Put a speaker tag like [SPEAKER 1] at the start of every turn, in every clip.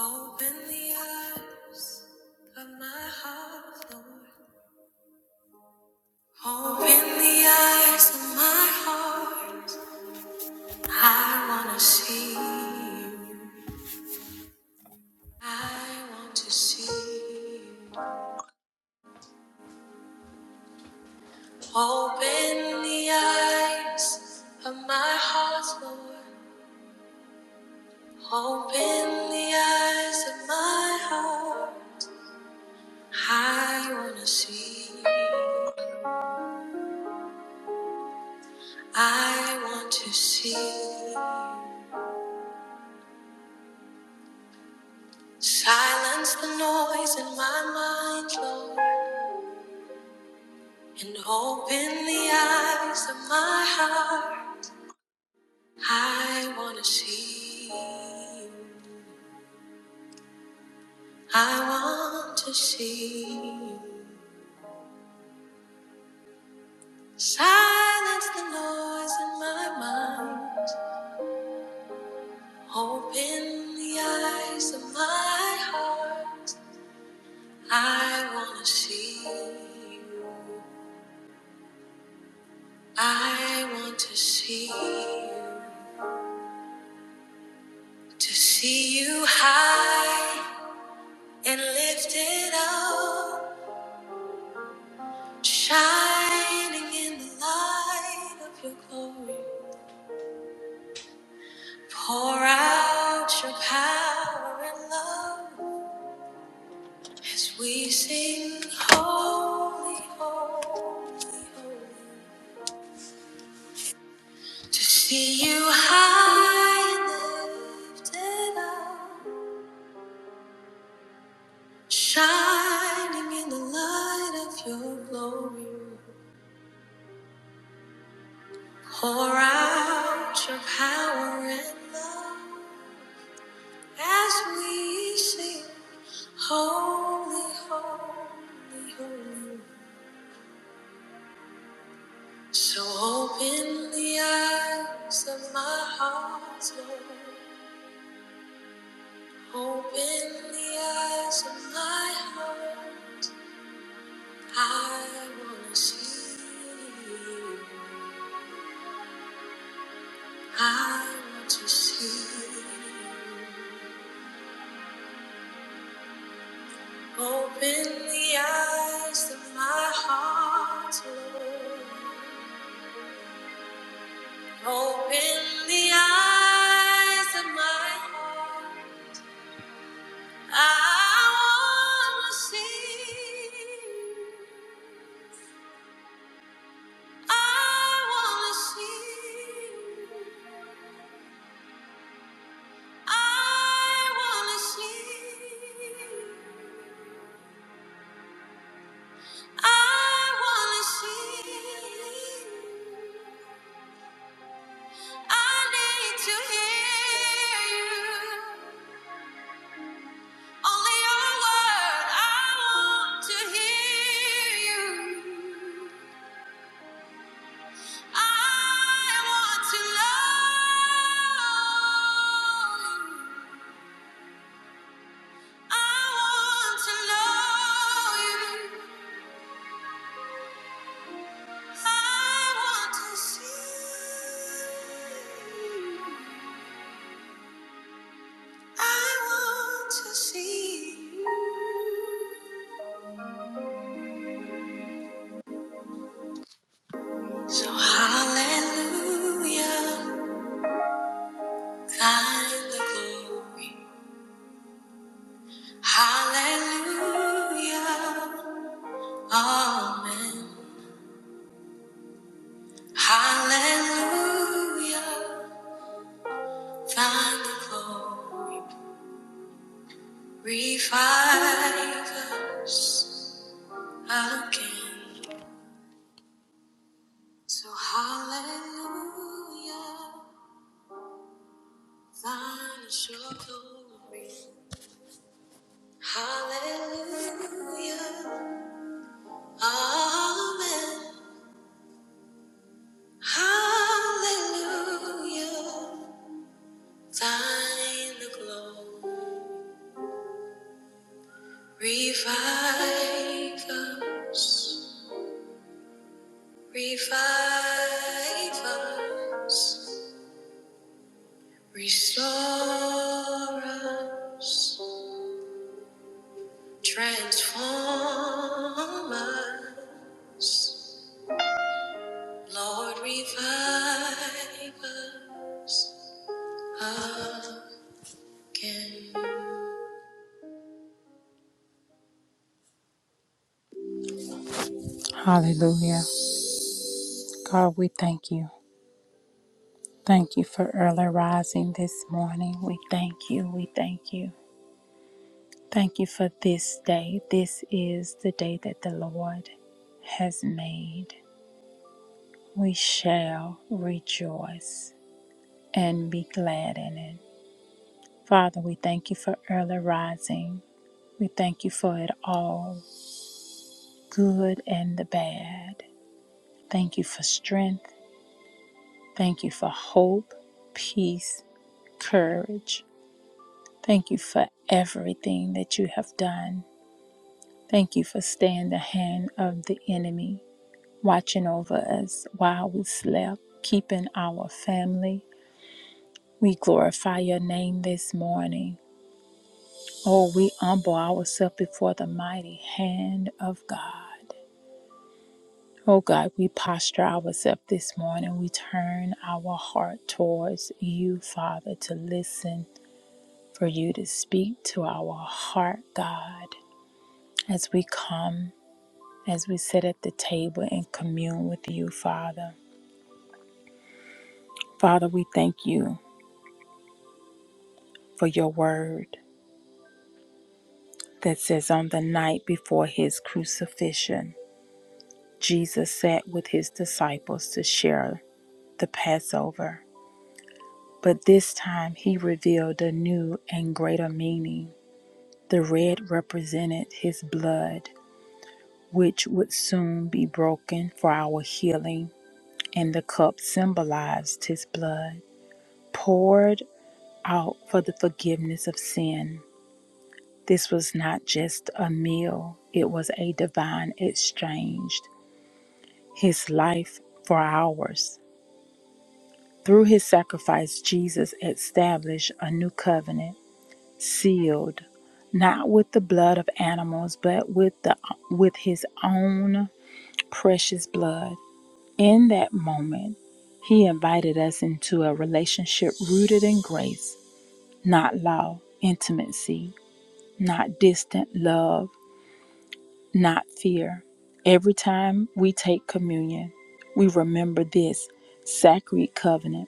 [SPEAKER 1] Open the eyes of my heart, Lord. Open the eyes of my heart. I want to see you. I want to see you. Open the eyes of my heart, Lord. Open the eyes of my heart. I want to see you. I want to see you. Silence the noise in my mind, Lord, and open the eyes of my heart. I want to see you. I want to see you. Silence the noise in my mind. Open the eyes of my heart. I want to see you. I want to see you. To see you high and lifted up, shining in the light of your glory. Pour out your power and love as we sing holy, holy, holy. To see you high and lifted up, shining in the light of your glory. Pour out your power and love as we sing, Holy, Holy, Holy. So open the eyes of my heart, Lord. Open the eyes of my heart. I want to see you. I want to see you. Open the eyes of my heart, Lord. Open the eyes of my heart. I want to see. you. I want to see. you. I want to see. you. I want to see. you. I need to hear you. Only your word. I want to hear you. I want to love you. I want to know you. I want to see you. I want to see you. So hallelujah. God in the glory. Hallelujah. Amen. Hallelujah. Find the glory. Revive us again. So hallelujah. Find us your glory. Hallelujah. Amen. Hallelujah. Thine the glow. Revive us. Revive us. Restore us. Transform us. Lord, revive us again. Hallelujah. God, we thank you. Thank you for early rising this morning. We thank you. We thank you. Thank you for this day. This is the day that the Lord has made. We shall rejoice and be glad in it. Father, we thank you for early rising. We thank you for it all, good and the bad. Thank you for strength. Thank you for hope, peace, courage. Thank you for everything that you have done. Thank you for staying the hand of the enemy watching over us while we slept, keeping our family. We glorify your name this morning. Oh, we humble ourselves before the mighty hand of God. Oh God, we posture ourselves this morning. We turn our heart towards you, Father, to listen, for you to speak to our heart, God, as we come, as we sit at the table and commune with you, Father. Father, we thank you for your word. that says, On the night before his crucifixion, Jesus sat with his disciples to share the Passover. But this time he revealed a new and greater meaning. The red represented his blood, which would soon be broken for our healing, and the cup symbolized his blood, poured out for the forgiveness of sin. This was not just a meal, it was a divine exchange his life for ours. Through his sacrifice, Jesus established a new covenant, sealed not with the blood of animals, but with, the, with his own precious blood. In that moment, he invited us into a relationship rooted in grace, not law, intimacy, not distant love, not fear. Every time we take communion, we remember this sacred covenant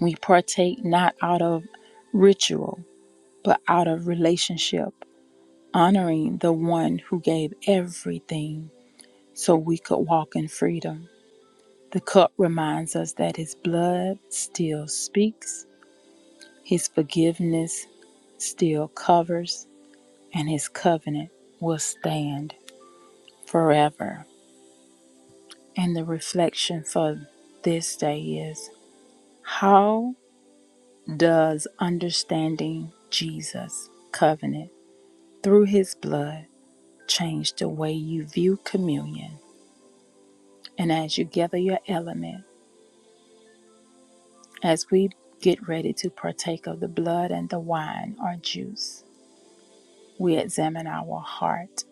[SPEAKER 1] We partake not out of ritual, but out of relationship, honoring the one who gave everything so we could walk in freedom. The cup reminds us that his blood still speaks, his forgiveness still covers, and his covenant will stand forever. And the reflection for this day is how does understanding Jesus' covenant? through his blood change the way you view communion. And as you gather your element, as we get ready to partake of the blood and the wine or juice, we examine our heart.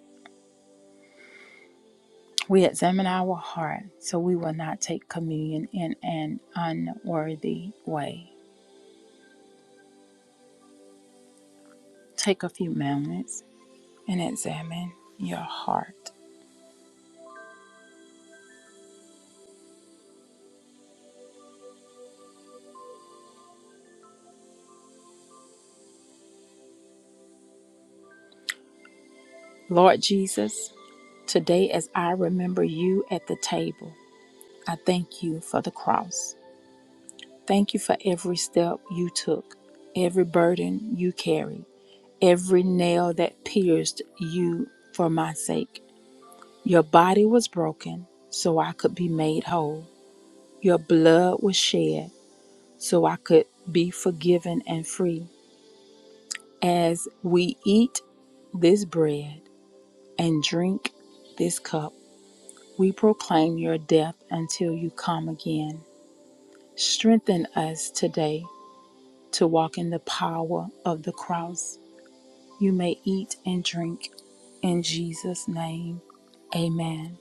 [SPEAKER 1] We examine our heart so we will not take communion in an unworthy way. Take a few moments and examine your heart. Lord Jesus, today as I remember you at the table, I thank you for the cross. Thank you for every step you took, every burden you carried, every nail that pierced you for my sake. Your body was broken so I could be made whole. Your blood was shed so I could be forgiven and free. As we eat this bread and drink this cup, we proclaim your death until you come again. Strengthen us today to walk in the power of the cross. You may eat and drink in Jesus' name. Amen.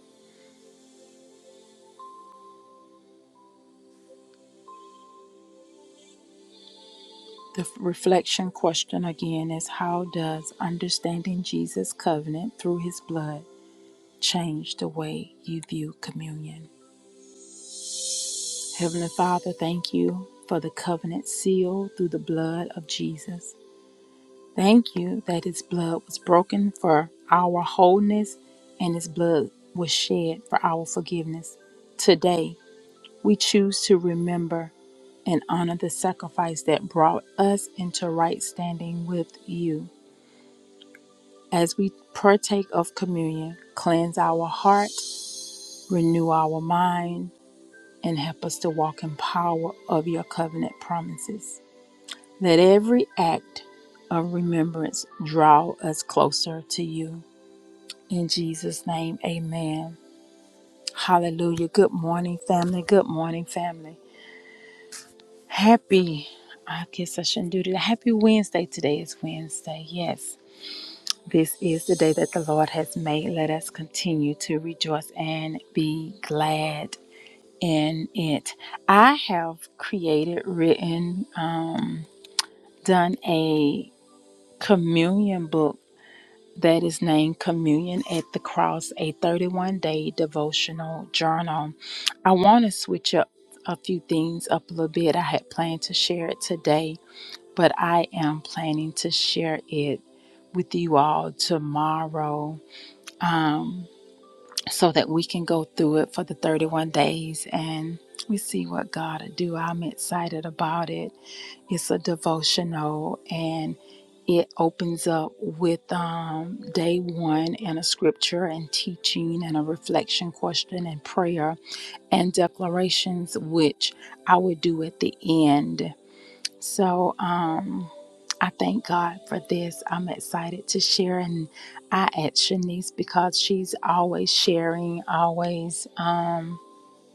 [SPEAKER 1] The reflection question again is How does understanding Jesus' covenant through his blood change the way you view communion? Heavenly Father, thank you for the covenant seal through the blood of Jesus. Thank you that his blood was broken for our wholeness and his blood was shed for our forgiveness. Today, we choose to remember and honor the sacrifice that brought us into right standing with you. As we partake of communion, cleanse our heart, renew our mind, and help us to walk in power of your covenant promises. Let every act of remembrance draw us closer to you. In Jesus' name, amen. Hallelujah. Good morning, family. Good morning, family. Happy, I guess I shouldn't do that. Happy Wednesday. Today is Wednesday. Yes. This is the day that the Lord has made. Let us continue to rejoice and be glad in it. I have created, written, um, done a communion book that is named Communion at the Cross, a 31 day devotional journal. I want to switch up a few things up a little bit. I had planned to share it today, but I am planning to share it with you all tomorrow um, so that we can go through it for the 31 days and we see what God will do. I'm excited about it. It's a devotional and it opens up with um, day one and a scripture and teaching and a reflection question and prayer and declarations, which I would do at the end. So um, I thank God for this. I'm excited to share, and I at Shanice because she's always sharing, always. Um,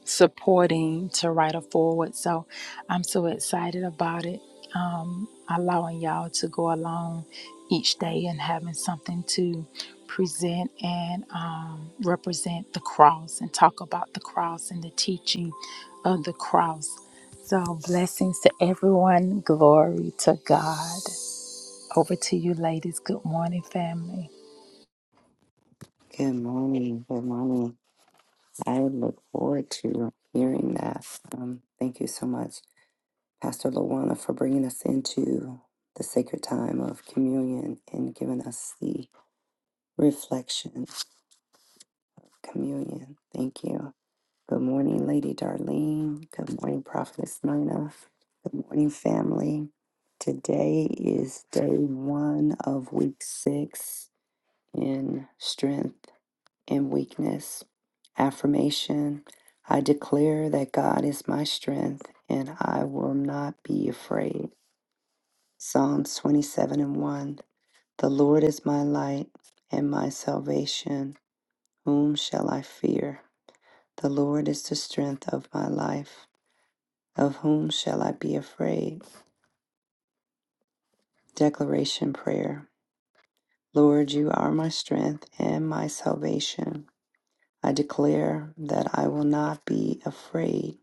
[SPEAKER 1] supporting to write a forward. So I'm so excited about it. Um, allowing y'all to go along each day and having something to present and um, represent the cross and talk about the cross and the teaching of the cross. So blessings to everyone. Glory to God. Over to you, ladies. Good morning, family.
[SPEAKER 2] Good morning. Good morning. I look forward to hearing that. Um, thank you so much, Pastor Lawana, for bringing us into the sacred time of communion and giving us the reflection communion. Thank you. Good morning, Lady Darlene. Good morning, Prophetess Nina. Good morning, family. Today is day one of week six in strength and weakness. Affirmation I declare that God is my strength and I will not be afraid. Psalms 27 and 1 The Lord is my light and my salvation. Whom shall I fear? The Lord is the strength of my life. Of whom shall I be afraid? Declaration Prayer Lord, you are my strength and my salvation. I declare that I will not be afraid,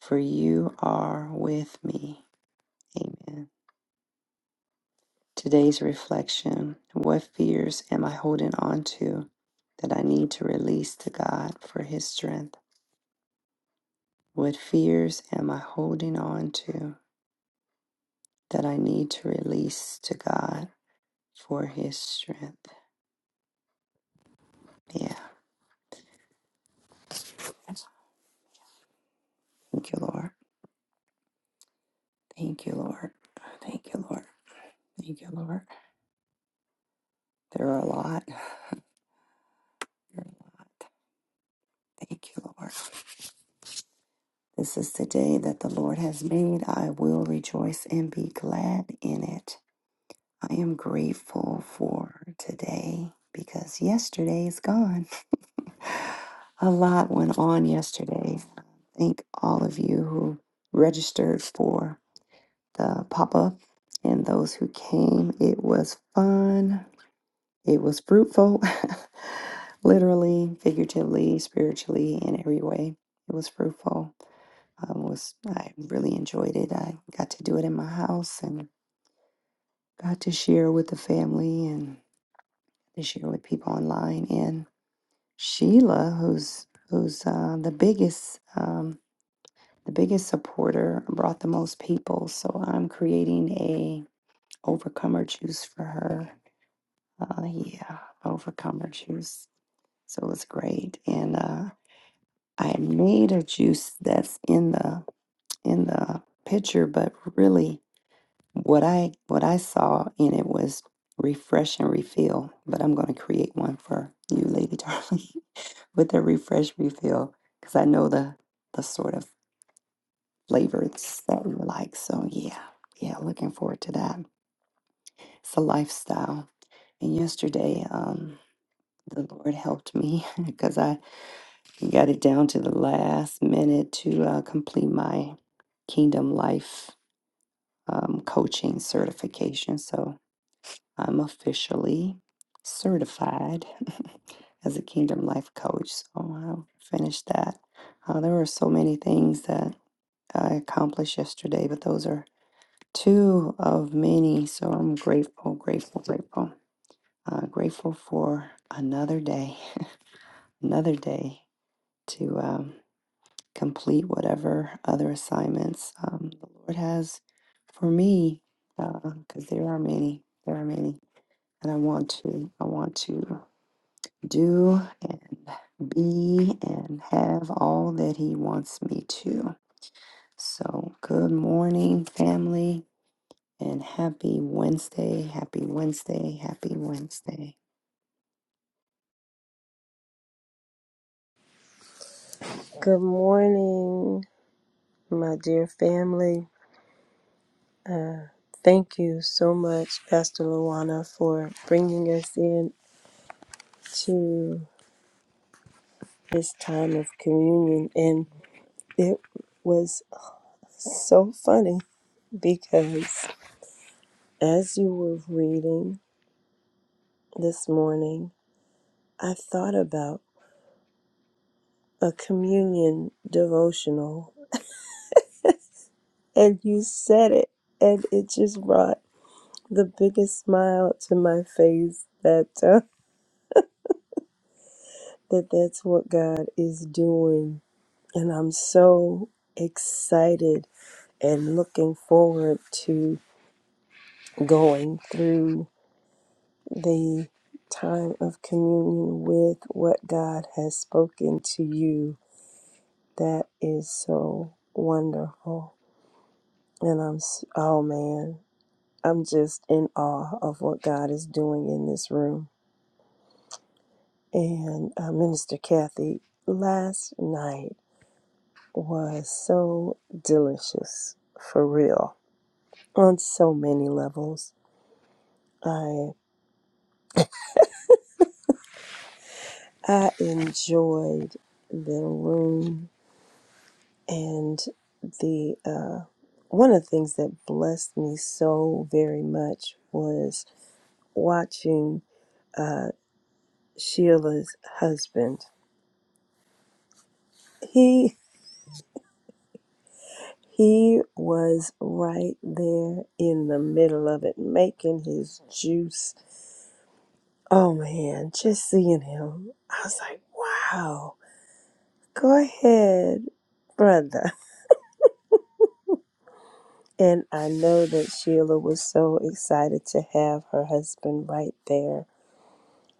[SPEAKER 2] for you are with me. Amen. Today's reflection What fears am I holding on to that I need to release to God for His strength? What fears am I holding on to that I need to release to God for His strength? Yeah. Thank you, Lord. Thank you, Lord. Thank you, Lord. Thank you, Lord. There are a lot. There are a lot. Thank you, Lord. This is the day that the Lord has made. I will rejoice and be glad in it. I am grateful for today because yesterday is gone. A lot went on yesterday. Thank all of you who registered for the pop up and those who came. It was fun, it was fruitful, literally, figuratively, spiritually, in every way. It was fruitful. I was I really enjoyed it. I got to do it in my house and got to share with the family and. This year with people online. And Sheila, who's who's uh, the biggest um, the biggest supporter, brought the most people. So I'm creating a overcomer juice for her. Uh, yeah, overcomer juice. So it was great, and uh, I made a juice that's in the in the picture, but really what I what I saw in it was refresh and refill. But I'm going to create one for you, Lady Darling. with a refresh refill because I know the the sort of flavors that we like. So yeah, yeah, looking forward to that. It's a lifestyle. And yesterday, um, the Lord helped me because I got it down to the last minute to uh, complete my Kingdom Life um, coaching certification. So I'm officially certified as a Kingdom Life coach. So I finished that. Uh, there were so many things that I accomplished yesterday, but those are two of many. So I'm grateful, grateful, grateful. Uh, grateful for another day, another day to um, complete whatever other assignments um, the Lord has for me, because there are many, there are many, and I want to, I want to do and be and have all that He wants me to. So, good morning, family. And happy Wednesday, happy Wednesday, happy Wednesday.
[SPEAKER 3] Good morning, my dear family. Thank you so much, Pastor Luana, for bringing us in to this time of communion. And it was so funny because as you were reading this morning, I thought about a communion devotional, and you said it, and it just brought the biggest smile to my face that. uh, that that's what God is doing. And I'm so excited and looking forward to going through the time of communion with what God has spoken to you. That is so wonderful. And I'm, s- oh man, I'm just in awe of what God is doing in this room. And uh, Minister Kathy, last night, was so delicious for real on so many levels. I I enjoyed the room and the uh, one of the things that blessed me so very much was watching uh, Sheila's husband. He he was right there in the middle of it, making his juice Oh man, just seeing him, I was like, wow, go ahead, brother. And I know that Sheila was so excited to have her husband right there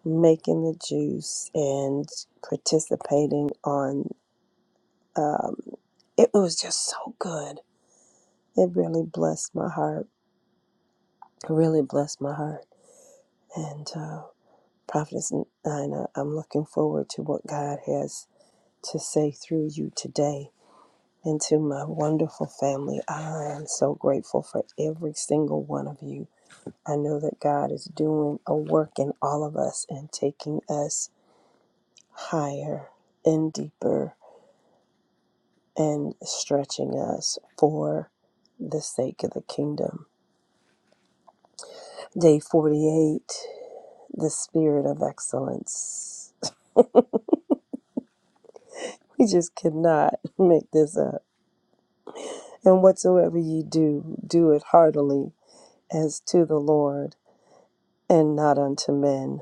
[SPEAKER 3] making the juice and participating on um, it was just so good. It really blessed my heart. It really blessed my heart. And uh, Prophetess Nina, I'm looking forward to what God has to say through you today and to my wonderful family. I am so grateful for every single one of you. I know that God is doing a work in all of us and taking us higher and deeper and stretching us for the sake of the kingdom. Day 48, the spirit of excellence. We just cannot make this up. And whatsoever ye do, do it heartily as to the Lord and not unto men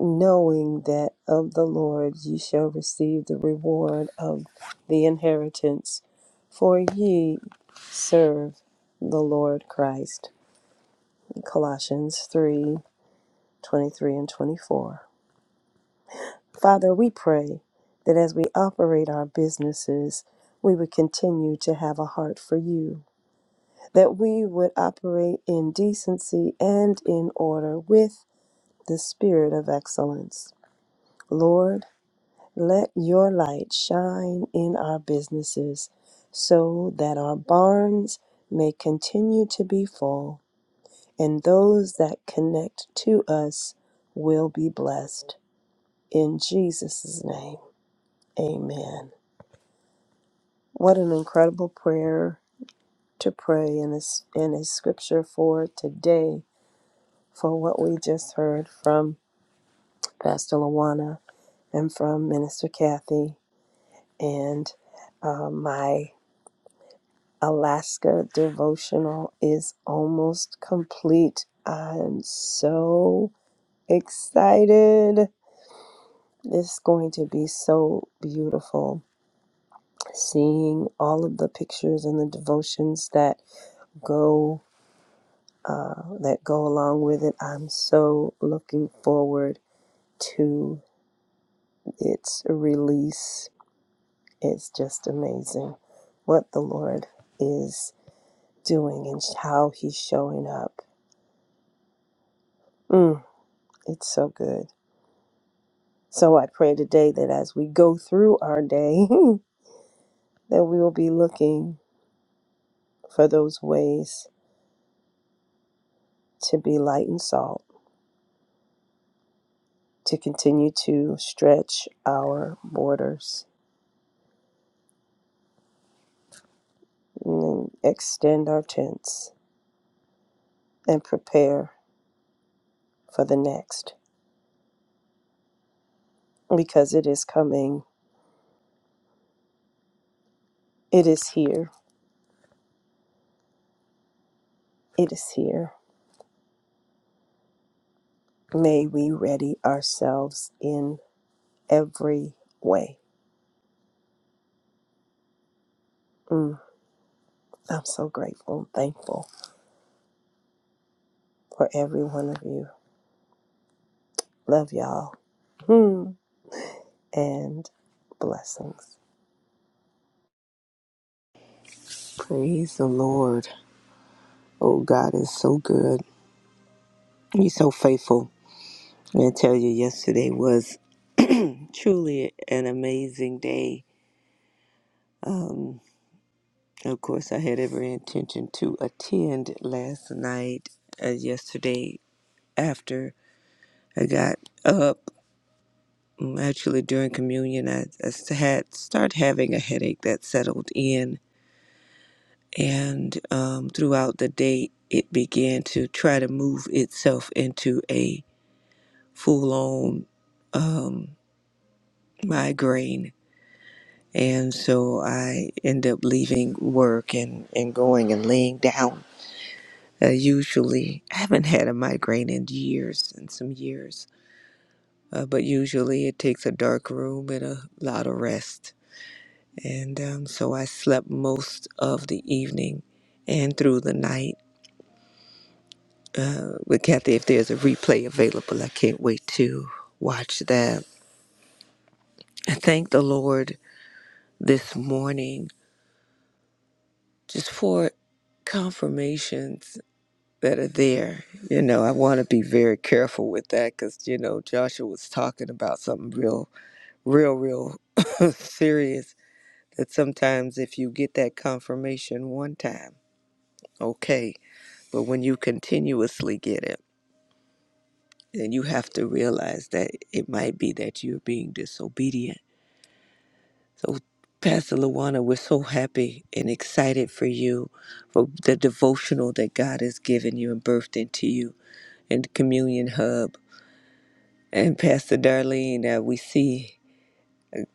[SPEAKER 3] knowing that of the Lord ye shall receive the reward of the inheritance, for ye serve the Lord Christ. Colossians 3 23 and 24. Father, we pray that as we operate our businesses, we would continue to have a heart for you, that we would operate in decency and in order with the spirit of excellence. Lord, Let your light shine in our businesses so that our barns may continue to be full and those that connect to us will be blessed. In Jesus' name, amen. What an incredible prayer to pray in a, s- in a scripture for today for what we just heard from Pastor Lawana and from Minister Kathy and uh, my. Alaska devotional is almost complete. I'm so excited. It's going to be so beautiful seeing all of the pictures and the devotions that go uh, that go along with it. I'm so looking forward to its release. It's just amazing what the Lord is doing and how He's showing up. Mm, it's so good. So I pray today that as we go through our day, that we will be looking for those ways to be light and salt, to continue to stretch our borders, and extend our tents, and prepare for the next because it is coming. It is here. It is here. May we ready ourselves in every way. Mm, I'm so grateful, and thankful for every one of you. Love y'all. Hmm. and blessings.
[SPEAKER 4] Praise the Lord. Oh, God is so good. He's so faithful. And I tell you, yesterday was truly an amazing day. Um, of course, I had every intention to attend last night, uh, yesterday after I got up. um, Actually, during communion, I, I s- had started having a headache that settled in. And um, throughout the day, it began to try to move itself into a full on um, migraine. And so I end up leaving work and, and going and laying down. Uh, usually, I haven't had a migraine in years, in some years, uh, but usually it takes a dark room and a lot of rest. And um, so I slept most of the evening and through the night uh, with Kathy. If there's a replay available, I can't wait to watch that. I thank the Lord this morning just for confirmations that are there. You know, I want to be very careful with that because, you know, Joshua was talking about something real, real, real serious that sometimes if you get that confirmation one time, okay, but when you continuously get it, then you have to realize that it might be that you're being disobedient So, Pastor Luana, we're so happy and excited for you, for the devotional that God has given you and birthed into you, and the Communion Hub. And Pastor Darlene, uh, we see,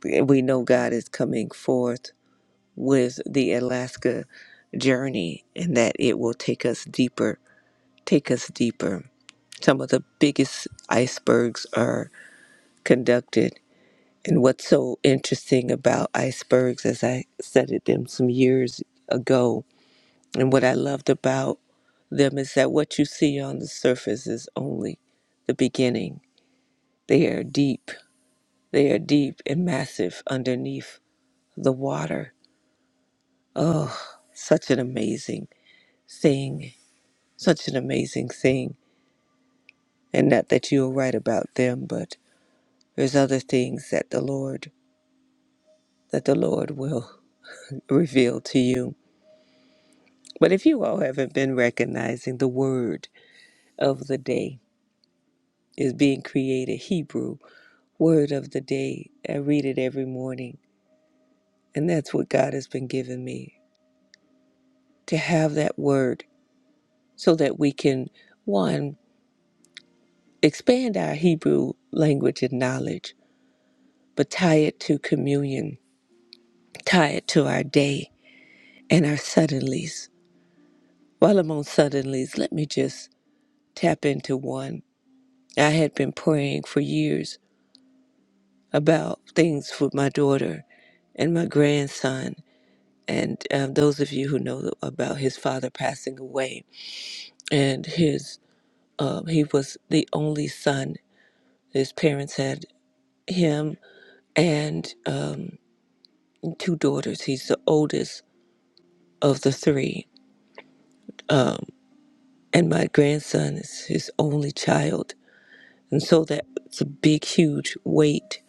[SPEAKER 4] we know God is coming forth with the Alaska journey and that it will take us deeper, take us deeper. Some of the biggest icebergs are conducted. And what's so interesting about icebergs, as I studied them some years ago, And what I loved about them is that what you see on the surface is only the beginning. They are deep. They are deep and massive underneath the water. Oh, such an amazing thing. Such an amazing thing. And not that you're right about them, but there's other things that the Lord that the Lord will reveal to you. But if you all haven't been recognizing the word of the day is being created Hebrew word of the day. I read it every morning. And that's what God has been giving me to have that word so that we can, one, expand our Hebrew language and knowledge, but tie it to communion, tie it to our day and our suddenlies. While I'm on suddenlies, let me just tap into one. I had been praying for years about things for my daughter and my grandson. And um, those of you who know about his father passing away, and his uh, he was the only son. His parents had him and um, two daughters. He's the oldest of the three, and my grandson is his only child, and so that's a big, huge weight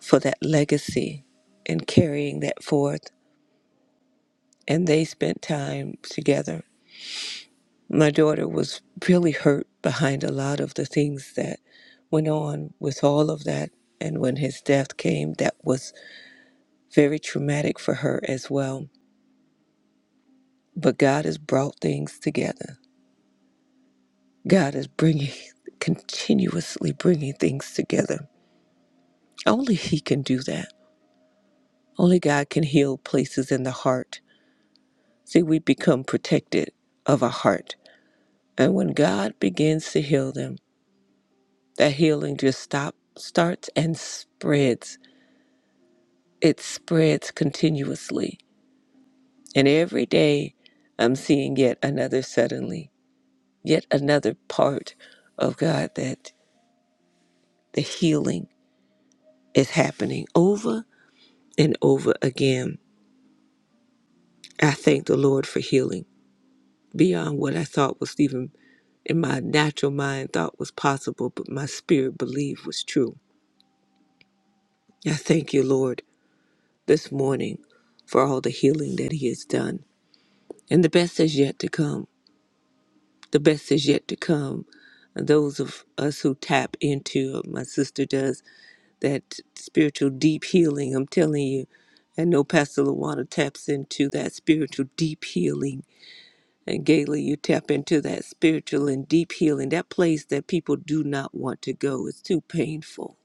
[SPEAKER 4] for that legacy and carrying that forth. And they spent time together. My daughter was really hurt behind a lot of the things that went on with all of that. And when his death came, that was very traumatic for her as well. But God has brought things together. God is bringing, continuously bringing things together. Only He can do that. Only God can heal places in the heart. See, we become protected of our heart. And when God begins to heal them, that healing just stop, starts and spreads. It spreads continuously. And every day I'm seeing yet another suddenly, yet another part of God that the healing is happening over and over again. I thank the Lord for healing beyond what I thought was even in my natural mind thought was possible, but my spirit believed was true. I thank you, Lord, this morning for all the healing that He has done. And the best is yet to come. The best is yet to come. And those of us who tap into, my sister does, that spiritual deep healing. I'm telling you, I know Pastor Lawana taps into that spiritual deep healing. And Gaila, you tap into that spiritual and deep healing, that place that people do not want to go. It's too painful.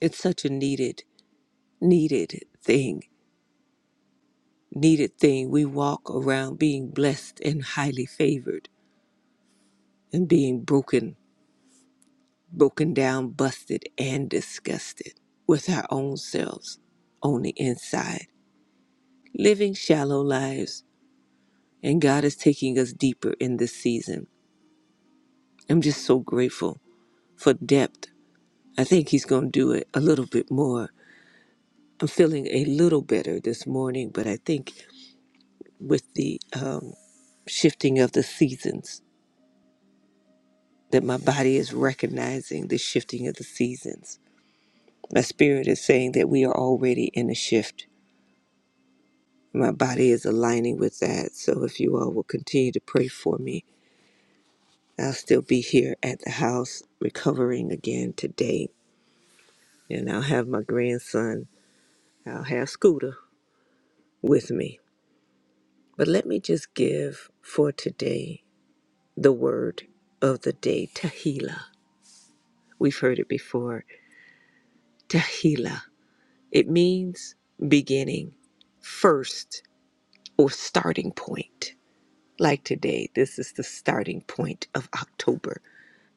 [SPEAKER 4] It's such a needed, needed thing. Needed thing. We walk around being blessed and highly favored and being broken, broken down, busted, and disgusted with our own selves on the inside living shallow lives, and God is taking us deeper in this season. I'm just so grateful for depth. I think He's going to do it a little bit more. I'm feeling a little better this morning, but I think with the um, shifting of the seasons, that my body is recognizing the shifting of the seasons. My spirit is saying that we are already in a shift. My body is aligning with that. So if you all will continue to pray for me I'll still be here at the house recovering again today. And I'll have my grandson, I'll have Scooter with me. But let me just give for today the word of the day, Tahila. We've heard it before. Tahila. It means beginning, first, or starting point. Like today, this is the starting point of October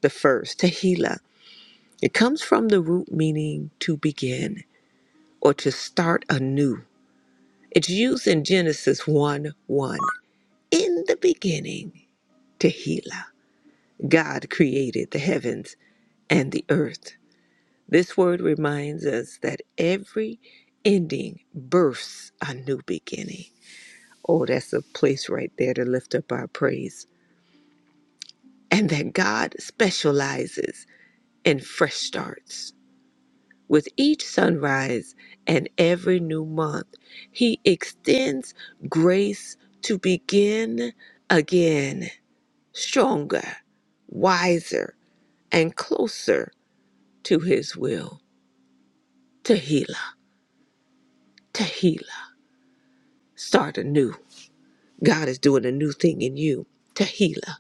[SPEAKER 4] the first. Tahila. It comes from the root meaning to begin or to start anew. It's used in Genesis 1 1. In the beginning, Tehillah, God created the heavens and the earth. This word reminds us that every ending births a new beginning. Oh, that's a place right there to lift up our praise. And that God specializes in fresh starts. With each sunrise and every new month, He extends grace to begin again, stronger, wiser, and closer to His will. Tehillah, Tehillah, start anew. God is doing a new thing in you. Tehillah,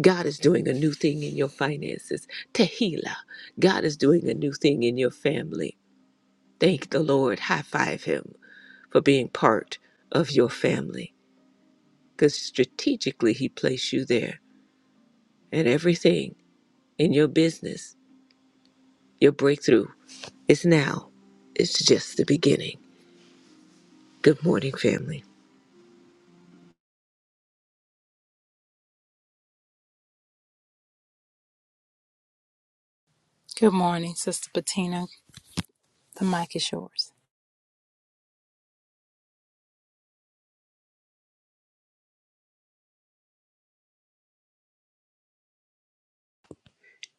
[SPEAKER 4] God is doing a new thing in your finances. Tehillah, God is doing a new thing in your family. Thank the Lord. High five Him for being part of your family. because strategically He placed you there. And everything in your business, your breakthrough is now. It's just the beginning. Good morning, family.
[SPEAKER 1] Good morning, Sister Bettina. The mic is yours.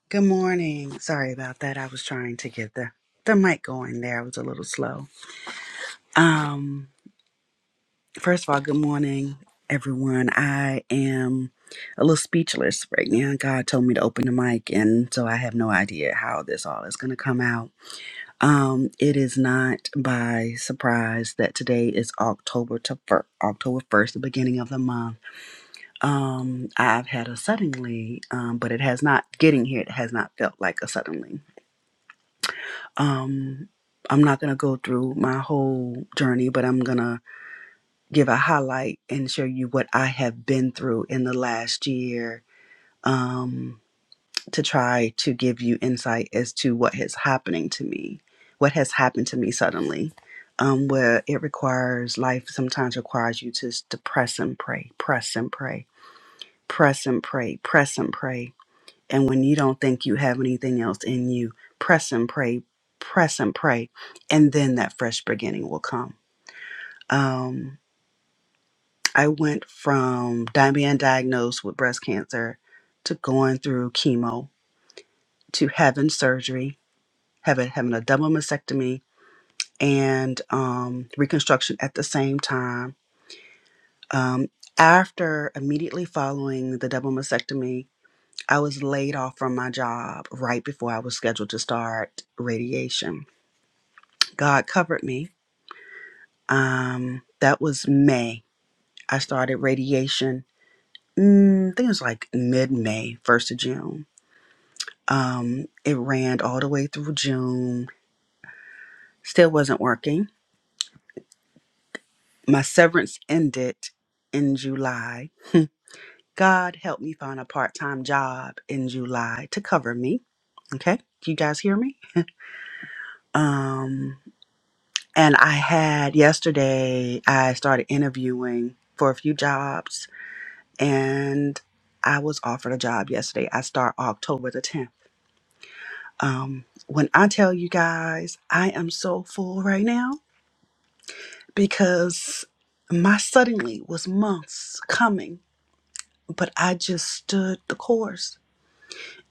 [SPEAKER 5] Good morning. Sorry about that. I was trying to get the the mic going there. I was a little slow. Um first of all, good morning everyone. I am a little speechless right now. God told me to open the mic and so I have no idea how this all is going to come out. Um it is not by surprise that today is October to fir- October 1st, the beginning of the month. Um I've had a suddenly um but it has not getting here it has not felt like a suddenly Um, I'm not going to go through my whole journey, but I'm going to give a highlight and show you what I have been through in the last year um, to try to give you insight as to what is happening to me, what has happened to me suddenly, um, where it requires, life sometimes requires you to, to press and pray, press and pray, press and pray, press and pray. And when you don't think you have anything else in you, press and pray, press and pray. And then that fresh beginning will come. Um, I went from di- being diagnosed with breast cancer to going through chemo to having surgery, having, having a double mastectomy and um, reconstruction at the same time. Um, after immediately following the double mastectomy, I was laid off from my job right before I was scheduled to start radiation God covered me. Um, that was May. I started radiation. Mm, I think it was like mid-May, first of June. Um, it ran all the way through June. Still wasn't working. My severance ended in July. God helped me find a part-time job in July to cover me. Okay, do you guys hear me? Um, and I had yesterday. I started interviewing for a few jobs and I was offered a job yesterday. I start October the 10th. Um, when I tell you guys, I am so full right now because my suddenly was months coming, but I just stood the course.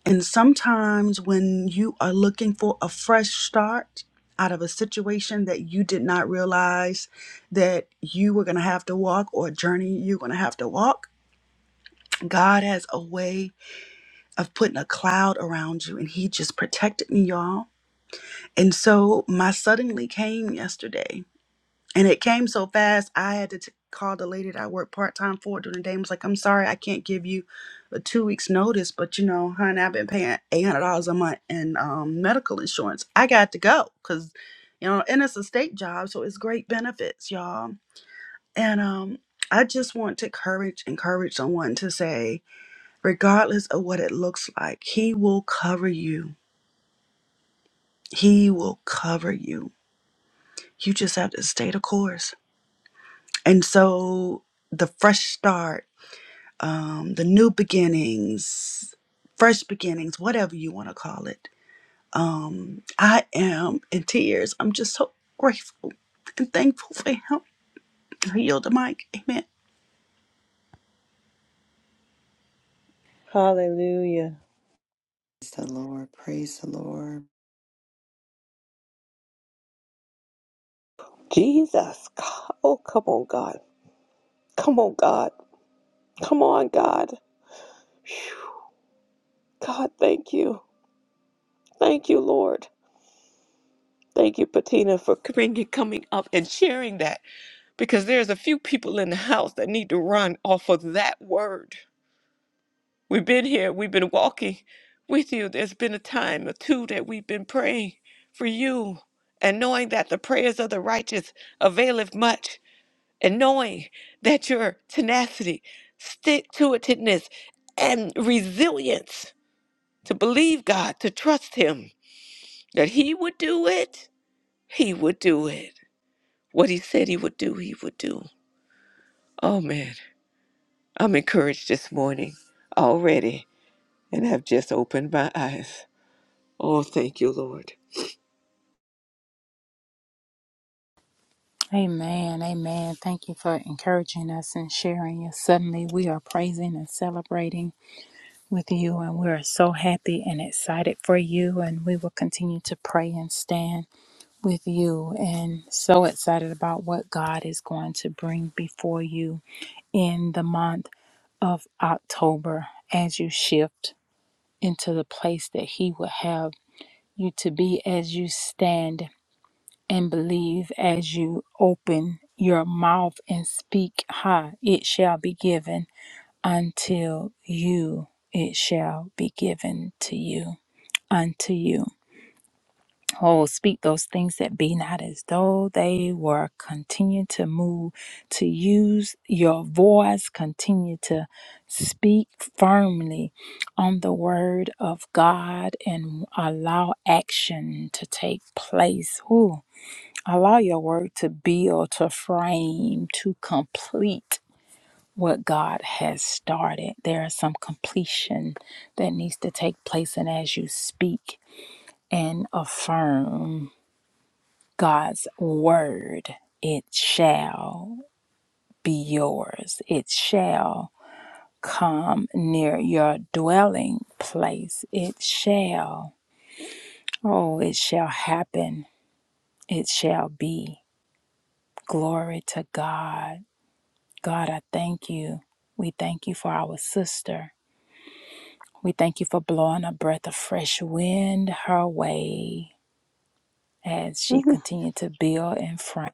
[SPEAKER 5] And sometimes when you are looking for a fresh start out of a situation that you did not realize that you were going to have to walk or a journey you're going to have to walk, God has a way of putting a cloud around you and he just protected me y'all and so my suddenly came yesterday and it came so fast i had to t- call the lady that i worked part-time for during the day and was like i'm sorry i can't give you a two weeks notice but you know honey i've been paying $800 a month in um, medical insurance i got to go because you know and it's a state job so it's great benefits y'all and um i just want to encourage encourage someone to say regardless of what it looks like. He will cover you. He will cover you. You just have to stay the course. And so the fresh start, um, the new beginnings, fresh beginnings, whatever you want to call it. Um, I am in tears. I'm just so grateful and thankful for him. I yield the mic. Amen.
[SPEAKER 3] Hallelujah.
[SPEAKER 2] Praise the Lord, praise the Lord.
[SPEAKER 4] Jesus. God. Oh, come on, God. Come on, God. Come on, God. God, thank you. Thank you, Lord. Thank you, Patina, for coming coming up and sharing that because there's a few people in the house that need to run off of that word. We've been here, we've been walking with you. There's been a time or two that we've been praying for you and knowing that the prayers of the righteous availeth much and knowing that your tenacity, stick to itiveness, and resilience to believe God, to trust Him, that He would do it, He would do it. What He said He would do, He would do. Oh man, I'm encouraged this morning already, and I've just opened my eyes. Oh, thank you, Lord.
[SPEAKER 1] Amen. Amen. Thank you for encouraging us and sharing us. Suddenly, we are praising and celebrating with you, and we are so happy and excited for you. And we will continue to pray and stand with you, and so excited about what God is going to bring before you in the month of October as you shift into the place that He will have you to be as you stand and believe as you open your mouth and speak high, it shall be given until you, it shall be given to you, unto you. Oh, speak those things that be not as though they were. Continue to move, to use your voice, continue to speak firmly on the word of God and allow action to take place. Ooh, Allow your work to build, to frame, to complete what God has started. There is some completion that needs to take place. And as you speak and affirm God's word, it shall be yours. It shall come near your dwelling place. It shall, oh, it shall happen. It shall be. Glory to God. God, I thank you. We thank you for our sister. We thank you for blowing a breath of fresh wind her way as she
[SPEAKER 6] Mhm.
[SPEAKER 1] continued to build in front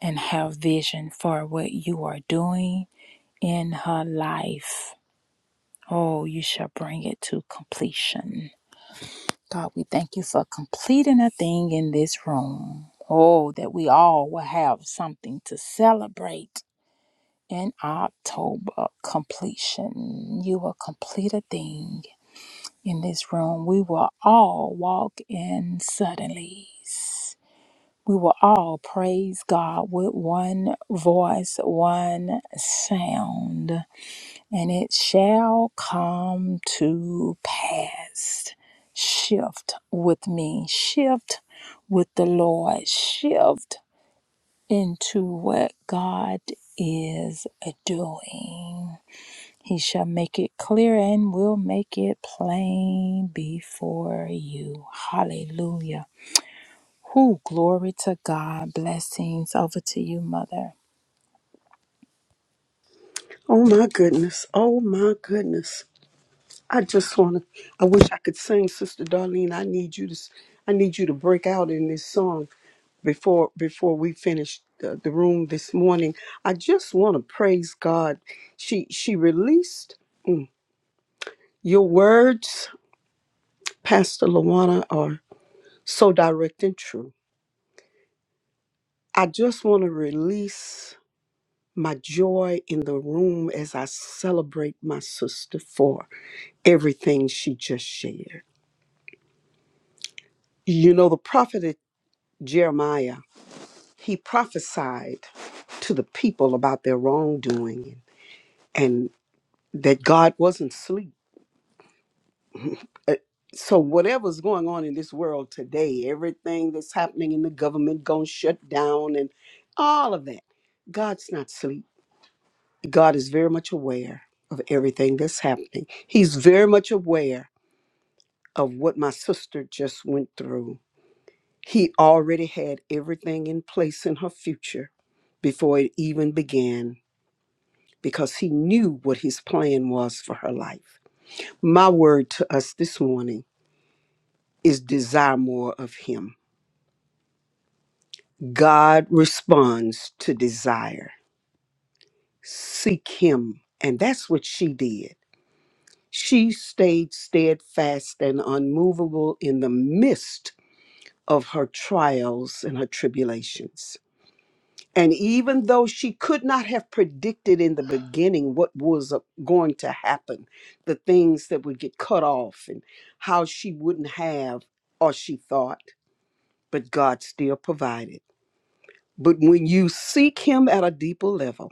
[SPEAKER 1] and have vision for what you are doing in her life. Oh, you shall bring it to completion. God, we thank you for completing a thing in this room. Oh, that we all will have something to celebrate in October completion. You will complete a thing in this room. We will all walk in suddenlies. We will all praise God with one voice, one sound, and it shall come to pass. Shift with me, shift with the Lord, shift into what God is doing he shall make it clear and will make it plain before you. Hallelujah. Who glory to God. Blessings over to you, mother.
[SPEAKER 6] Oh my goodness. Oh my goodness. I just want to I wish I could sing Sister Darlene. I need you to s- I need you to break out in this song before before we finish the, the room this morning. I just want to praise God. She she released your words, Pastor Lawana, are so direct and true. I just want to release my joy in the room as I celebrate my sister for everything she just shared. You know, the prophet Jeremiah, he prophesied to the people about their wrongdoing and that God wasn't asleep. Uh, So, whatever's going on in this world today, everything that's happening in the government going to shut down and all of that, God's not asleep. God is very much aware of everything that's happening. He's very much aware of what my sister just went through. He already had everything in place in her future before it even began because he knew what his plan was for her life. My word to us this morning is desire more of him. God responds to desire. Seek him. And that's what she did. She stayed steadfast and unmovable in the midst of her trials and her tribulations. And even though she could not have predicted in the beginning what was uh, going to happen, the things that would get cut off and how she wouldn't have or she thought, but God still provided. But when you seek Him at a deeper level,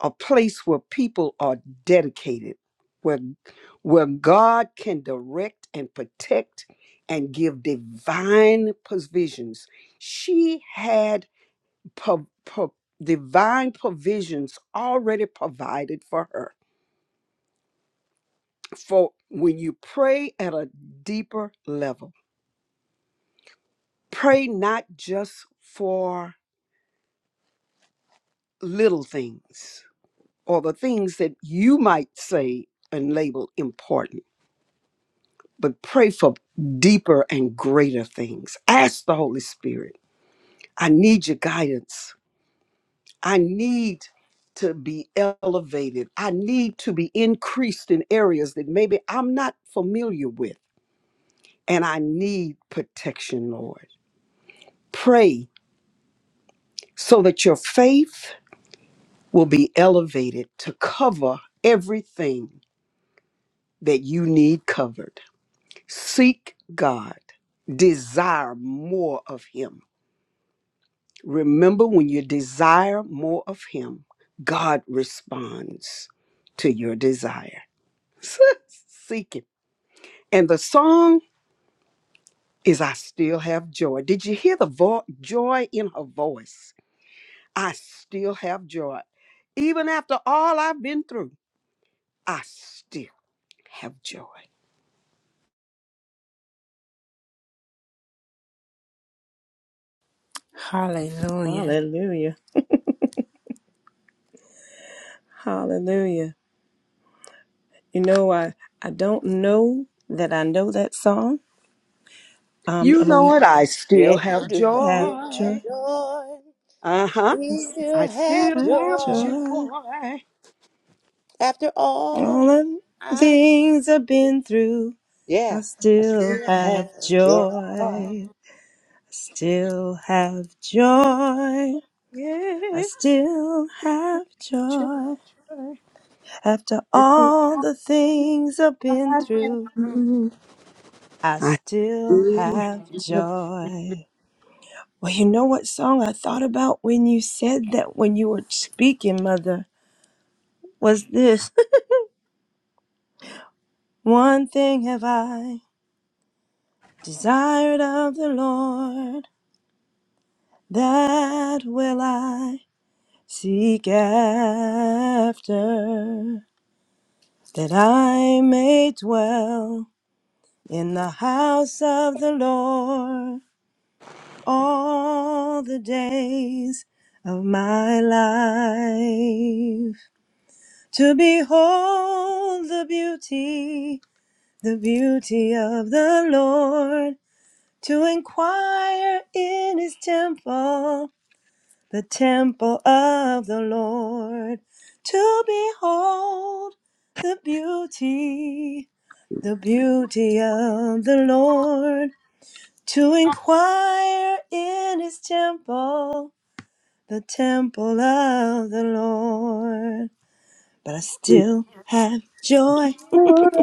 [SPEAKER 6] a place where people are dedicated, where, where God can direct and protect and give divine provisions, she had pro- pro- divine provisions already provided for her. For when you pray at a deeper level, pray not just for little things or the things that you might say and label important, but pray for deeper and greater things. Ask the Holy Spirit, I need your guidance. I need to be elevated. I need to be increased in areas that maybe I'm not familiar with. And I need protection, Lord. Pray so that your faith will be elevated to cover everything that you need covered. Seek God, desire more of Him. Remember, when you desire more of Him, God responds to your desire. Seek him. And the song is I Still Have Joy. Did you hear the vo- joy in her voice? I still have joy. Even after all I've been through, I still have joy.
[SPEAKER 1] Hallelujah.
[SPEAKER 3] Hallelujah. Hallelujah. You know, I, I don't know that I know that song. Um, I'm
[SPEAKER 6] You
[SPEAKER 3] going
[SPEAKER 6] know it,
[SPEAKER 3] to
[SPEAKER 6] I still
[SPEAKER 4] Yes, you
[SPEAKER 6] have
[SPEAKER 4] do have
[SPEAKER 3] have
[SPEAKER 4] still have
[SPEAKER 3] joy.
[SPEAKER 6] joy.
[SPEAKER 4] joy.
[SPEAKER 6] Uh huh.
[SPEAKER 4] We
[SPEAKER 3] Yes,
[SPEAKER 6] I
[SPEAKER 4] will have
[SPEAKER 6] still
[SPEAKER 3] Have
[SPEAKER 6] have
[SPEAKER 4] joy.
[SPEAKER 3] joy.
[SPEAKER 6] joy.
[SPEAKER 4] After
[SPEAKER 3] All
[SPEAKER 4] all,
[SPEAKER 3] the
[SPEAKER 4] I
[SPEAKER 3] things I've been through, I
[SPEAKER 4] yeah, I
[SPEAKER 3] still
[SPEAKER 4] still
[SPEAKER 3] have
[SPEAKER 4] have joy.
[SPEAKER 3] joy. I still have joy. I
[SPEAKER 6] Yes,
[SPEAKER 3] still have
[SPEAKER 6] joy.
[SPEAKER 3] joy. After
[SPEAKER 6] After
[SPEAKER 3] all the things I've been
[SPEAKER 6] I've been
[SPEAKER 3] through,
[SPEAKER 6] through,
[SPEAKER 3] I
[SPEAKER 6] I
[SPEAKER 3] still
[SPEAKER 6] still
[SPEAKER 3] have joy. Well, you know what song I thought about when you said that when you were speaking, Mother? Was this One thing have I desired of the Lord, that will I seek after, that I may dwell in the house of the Lord all the days of my life to behold the beauty, the beauty of the Lord, to inquire in his temple, the temple of the Lord, to behold the beauty, the beauty of the Lord, to inquire in his temple the temple of the Lord. But I
[SPEAKER 6] have
[SPEAKER 3] still have joy.
[SPEAKER 6] joy.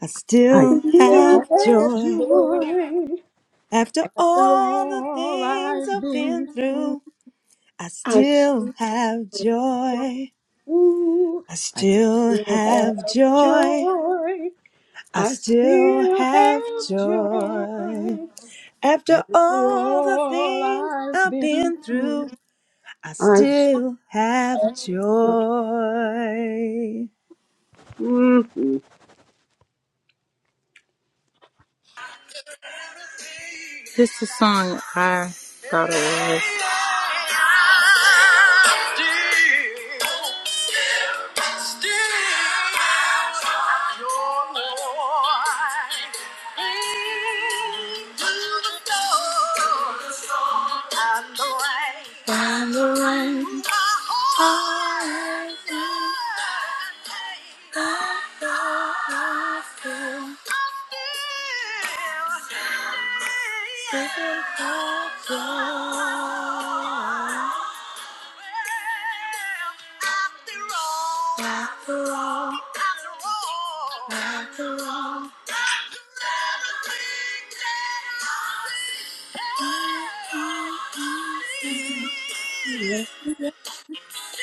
[SPEAKER 3] I
[SPEAKER 6] I
[SPEAKER 3] still
[SPEAKER 4] Still
[SPEAKER 6] still
[SPEAKER 3] have
[SPEAKER 6] have
[SPEAKER 4] have
[SPEAKER 3] joy.
[SPEAKER 4] joy.
[SPEAKER 6] joy
[SPEAKER 3] After
[SPEAKER 6] after
[SPEAKER 3] all the
[SPEAKER 6] all
[SPEAKER 3] things
[SPEAKER 6] I've
[SPEAKER 3] I've
[SPEAKER 6] been
[SPEAKER 3] been
[SPEAKER 6] through.
[SPEAKER 3] through, I
[SPEAKER 6] I still,
[SPEAKER 3] still have joy. I
[SPEAKER 6] I
[SPEAKER 3] still
[SPEAKER 6] still
[SPEAKER 3] have
[SPEAKER 6] have
[SPEAKER 3] joy.
[SPEAKER 6] joy.
[SPEAKER 3] I
[SPEAKER 6] I
[SPEAKER 3] still
[SPEAKER 6] still
[SPEAKER 3] have
[SPEAKER 6] have joy
[SPEAKER 3] joy. After
[SPEAKER 6] after
[SPEAKER 3] all the
[SPEAKER 6] all
[SPEAKER 3] things
[SPEAKER 6] I've
[SPEAKER 3] I've
[SPEAKER 6] been
[SPEAKER 3] been
[SPEAKER 6] through.
[SPEAKER 3] through, I
[SPEAKER 6] I still.
[SPEAKER 3] still have joy.
[SPEAKER 6] mm, mm,
[SPEAKER 1] This is a song I thought it was. Still, still, your Lord. Mm, to the Lord. I'm the one. I'm the one. I'm Down.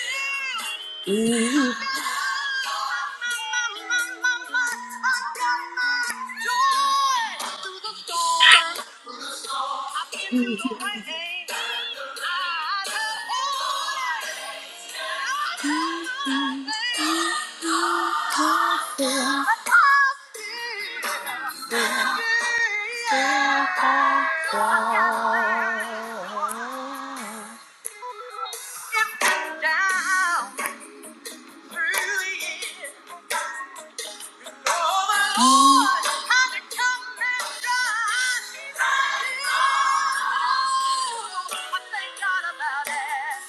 [SPEAKER 6] mm, mm, mm.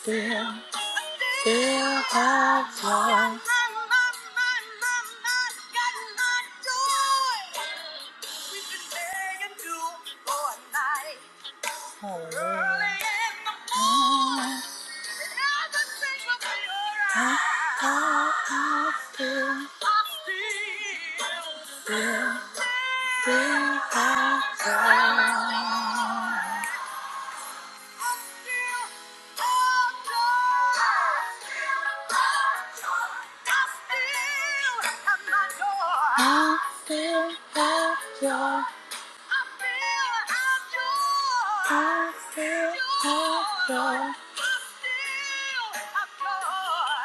[SPEAKER 1] Yeah. Still have joy. Hallelujah. Mm. Ah, ah, ah.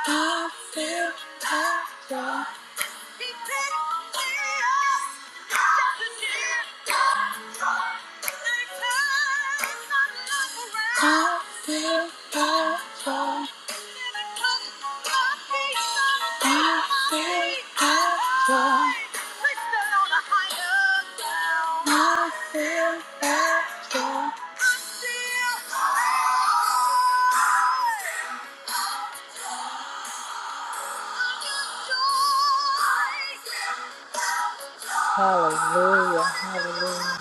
[SPEAKER 1] I still have joy. Thank you. Hallelujah. Hallelujah.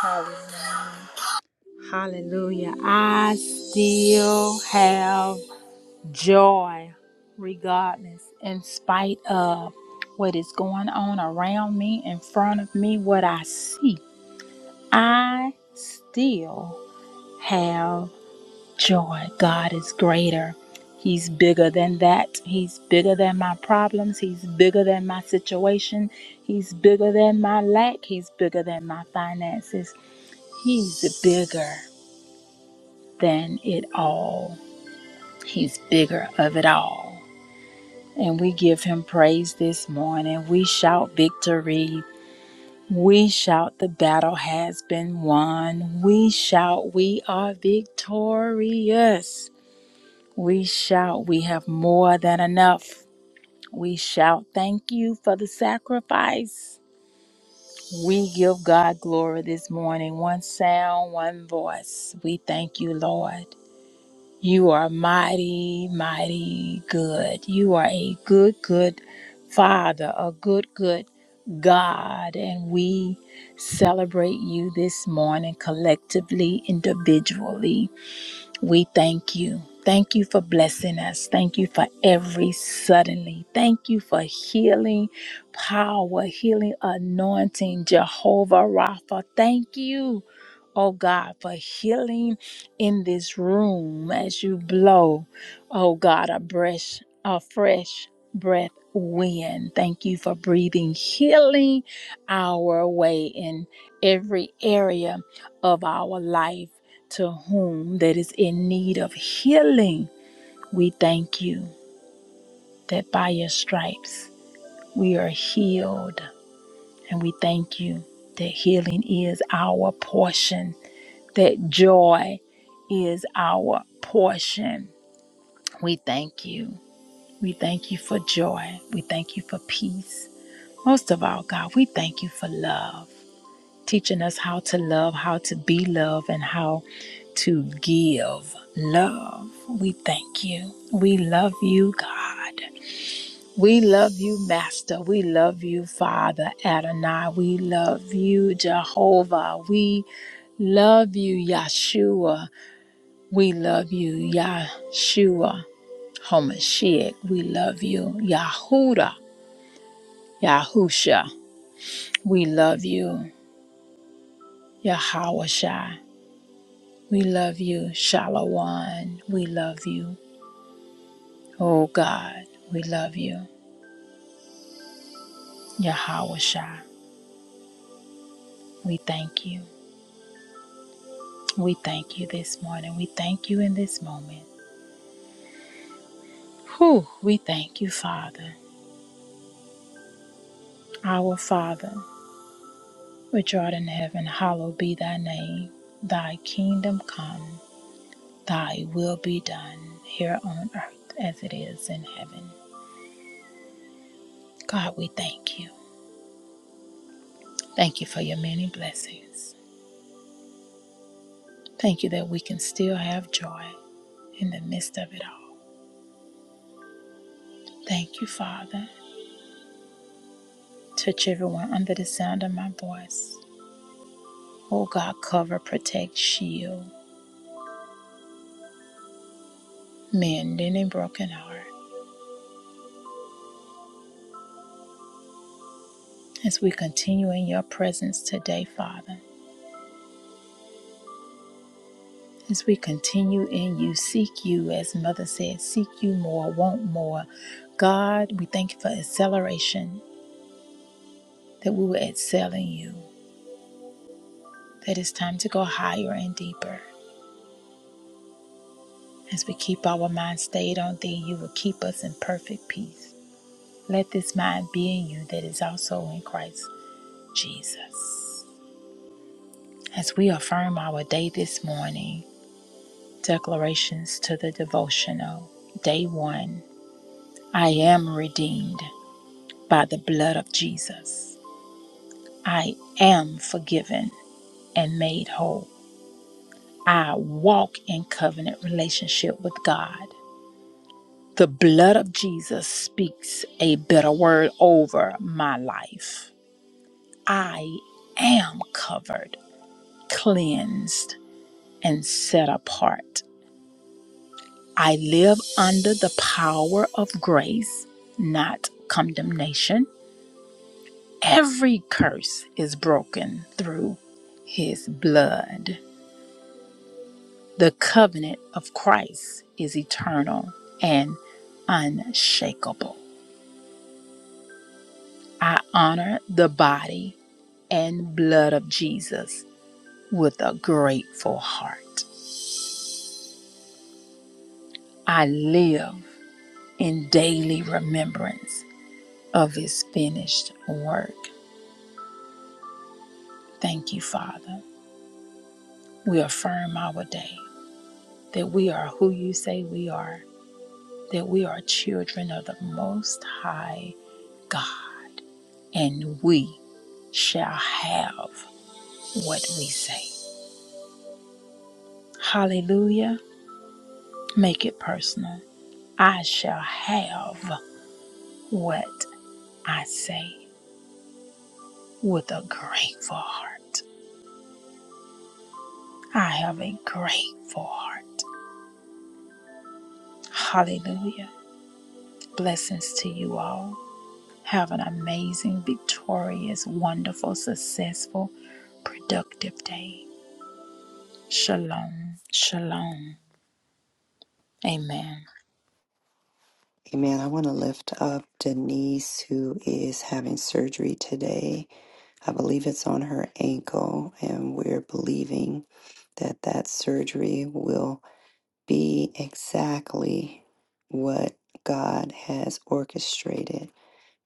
[SPEAKER 1] Hallelujah. Hallelujah. I still have joy regardless, in spite of what is going on around me, in front of me, what I see. I still have joy. God is greater. He's bigger than that. He's bigger than my problems. He's bigger than my situation. He's bigger than my lack. He's bigger than my finances. He's bigger than it all. He's bigger of it all. And we give him praise this morning. We shout victory. We shout the battle has been won. We shout we are victorious. We shout, we have more than enough. We shout, thank you for the sacrifice. We give God glory this morning. One sound, one voice. We thank you, Lord. You are mighty, mighty good. You are a good, good Father, a good, good God. And we celebrate you this morning collectively, individually. We thank you. Thank you for blessing us. Thank you for every suddenly. Thank you for healing power, healing anointing, Jehovah Rapha. Thank you oh God, for healing in this room as you blow, oh God, a breath, a fresh breath wind. Thank you for breathing healing our way in every area of our life to whom that is in need of healing. We thank you that by your stripes we are healed, and we thank you that healing is our portion that joy is our portion. We thank you. We thank you for joy. We thank you for peace. Most of all, God, we thank you for love, teaching us how to love, how to be love, and how to give love. We thank you. We love you, God. We love you, Master. We love you, Father Adonai. We love you, Jehovah. We love you, Yeshua. We love you, Yahshua Hamashiach. We love you, Yahuda, Yahusha. We love you, Yahawashai. We love you, Shalawan. We love you, oh God. We love you, Yahawashai. We thank you. We thank you this morning. We thank you in this moment. Whew, we thank you, Father. Our Father, which art in heaven, hallowed be thy name. Thy kingdom come. Thy will be done here on earth as it is in heaven. God, we thank you. Thank you for your many blessings. Thank you that we can still have joy in the midst of it all. Thank you, Father. Touch everyone under the sound of my voice. Oh God, cover, protect, shield, mend any broken heart. As we continue in your presence today, Father, As we continue in you, seek you, as Mother said, seek you more, want more. God, we thank you for acceleration, that we will excel in you, that it's time to go higher and deeper. As we keep our mind stayed on thee, you will keep us in perfect peace. Let this mind be in you that is also in Christ Jesus. As we affirm our day this morning, declarations to the devotional. Day one I am redeemed. by the blood of Jesus. I am forgiven and made whole. I walk in covenant relationship with God. The blood of Jesus speaks a better word over my life. I am covered, cleansed, and set apart. I live under the power of grace, not condemnation. Every curse is broken through his blood. The covenant of Christ is eternal and unshakable. I honor the body and blood of Jesus with a grateful heart. I live in daily remembrance of his finished work. Thank you, Father. We affirm our day that we are who you say we are, that we are children of the Most High God, and we shall have. what we say. Hallelujah. Make it personal. I shall have what I say with a grateful heart. I have a grateful heart. Hallelujah. Blessings to you all. Have an amazing, victorious, wonderful, successful, productive day. Shalom. Shalom. Amen.
[SPEAKER 2] Amen. I want to lift up Denise, who is having surgery today. I believe it's on her ankle, and we're believing that that surgery will be exactly what God has orchestrated,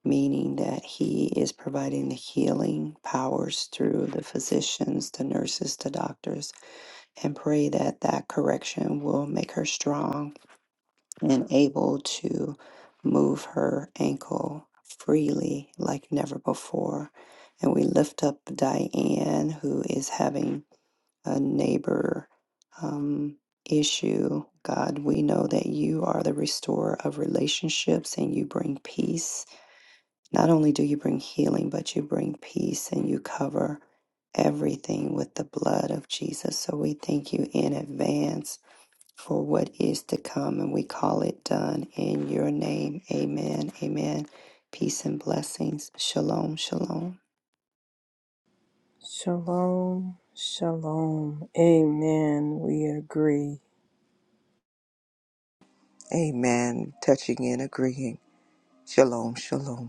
[SPEAKER 2] meaning that He is providing the healing powers through the physicians, the nurses, the doctors and pray that that correction will make her strong and able to move her ankle freely like never before. And we lift up Diane, who is having a neighbor um, issue. God, we know that you are the restorer of relationships and you bring peace. Not only do you bring healing, but you bring peace and you cover everything with the blood of Jesus. So we thank you in advance for what is to come, and we call it done in your name. Amen. Amen. Peace and blessings. Shalom. Shalom.
[SPEAKER 3] Shalom, shalom. Amen. We agree.
[SPEAKER 4] Amen. Touching and agreeing. Shalom, shalom.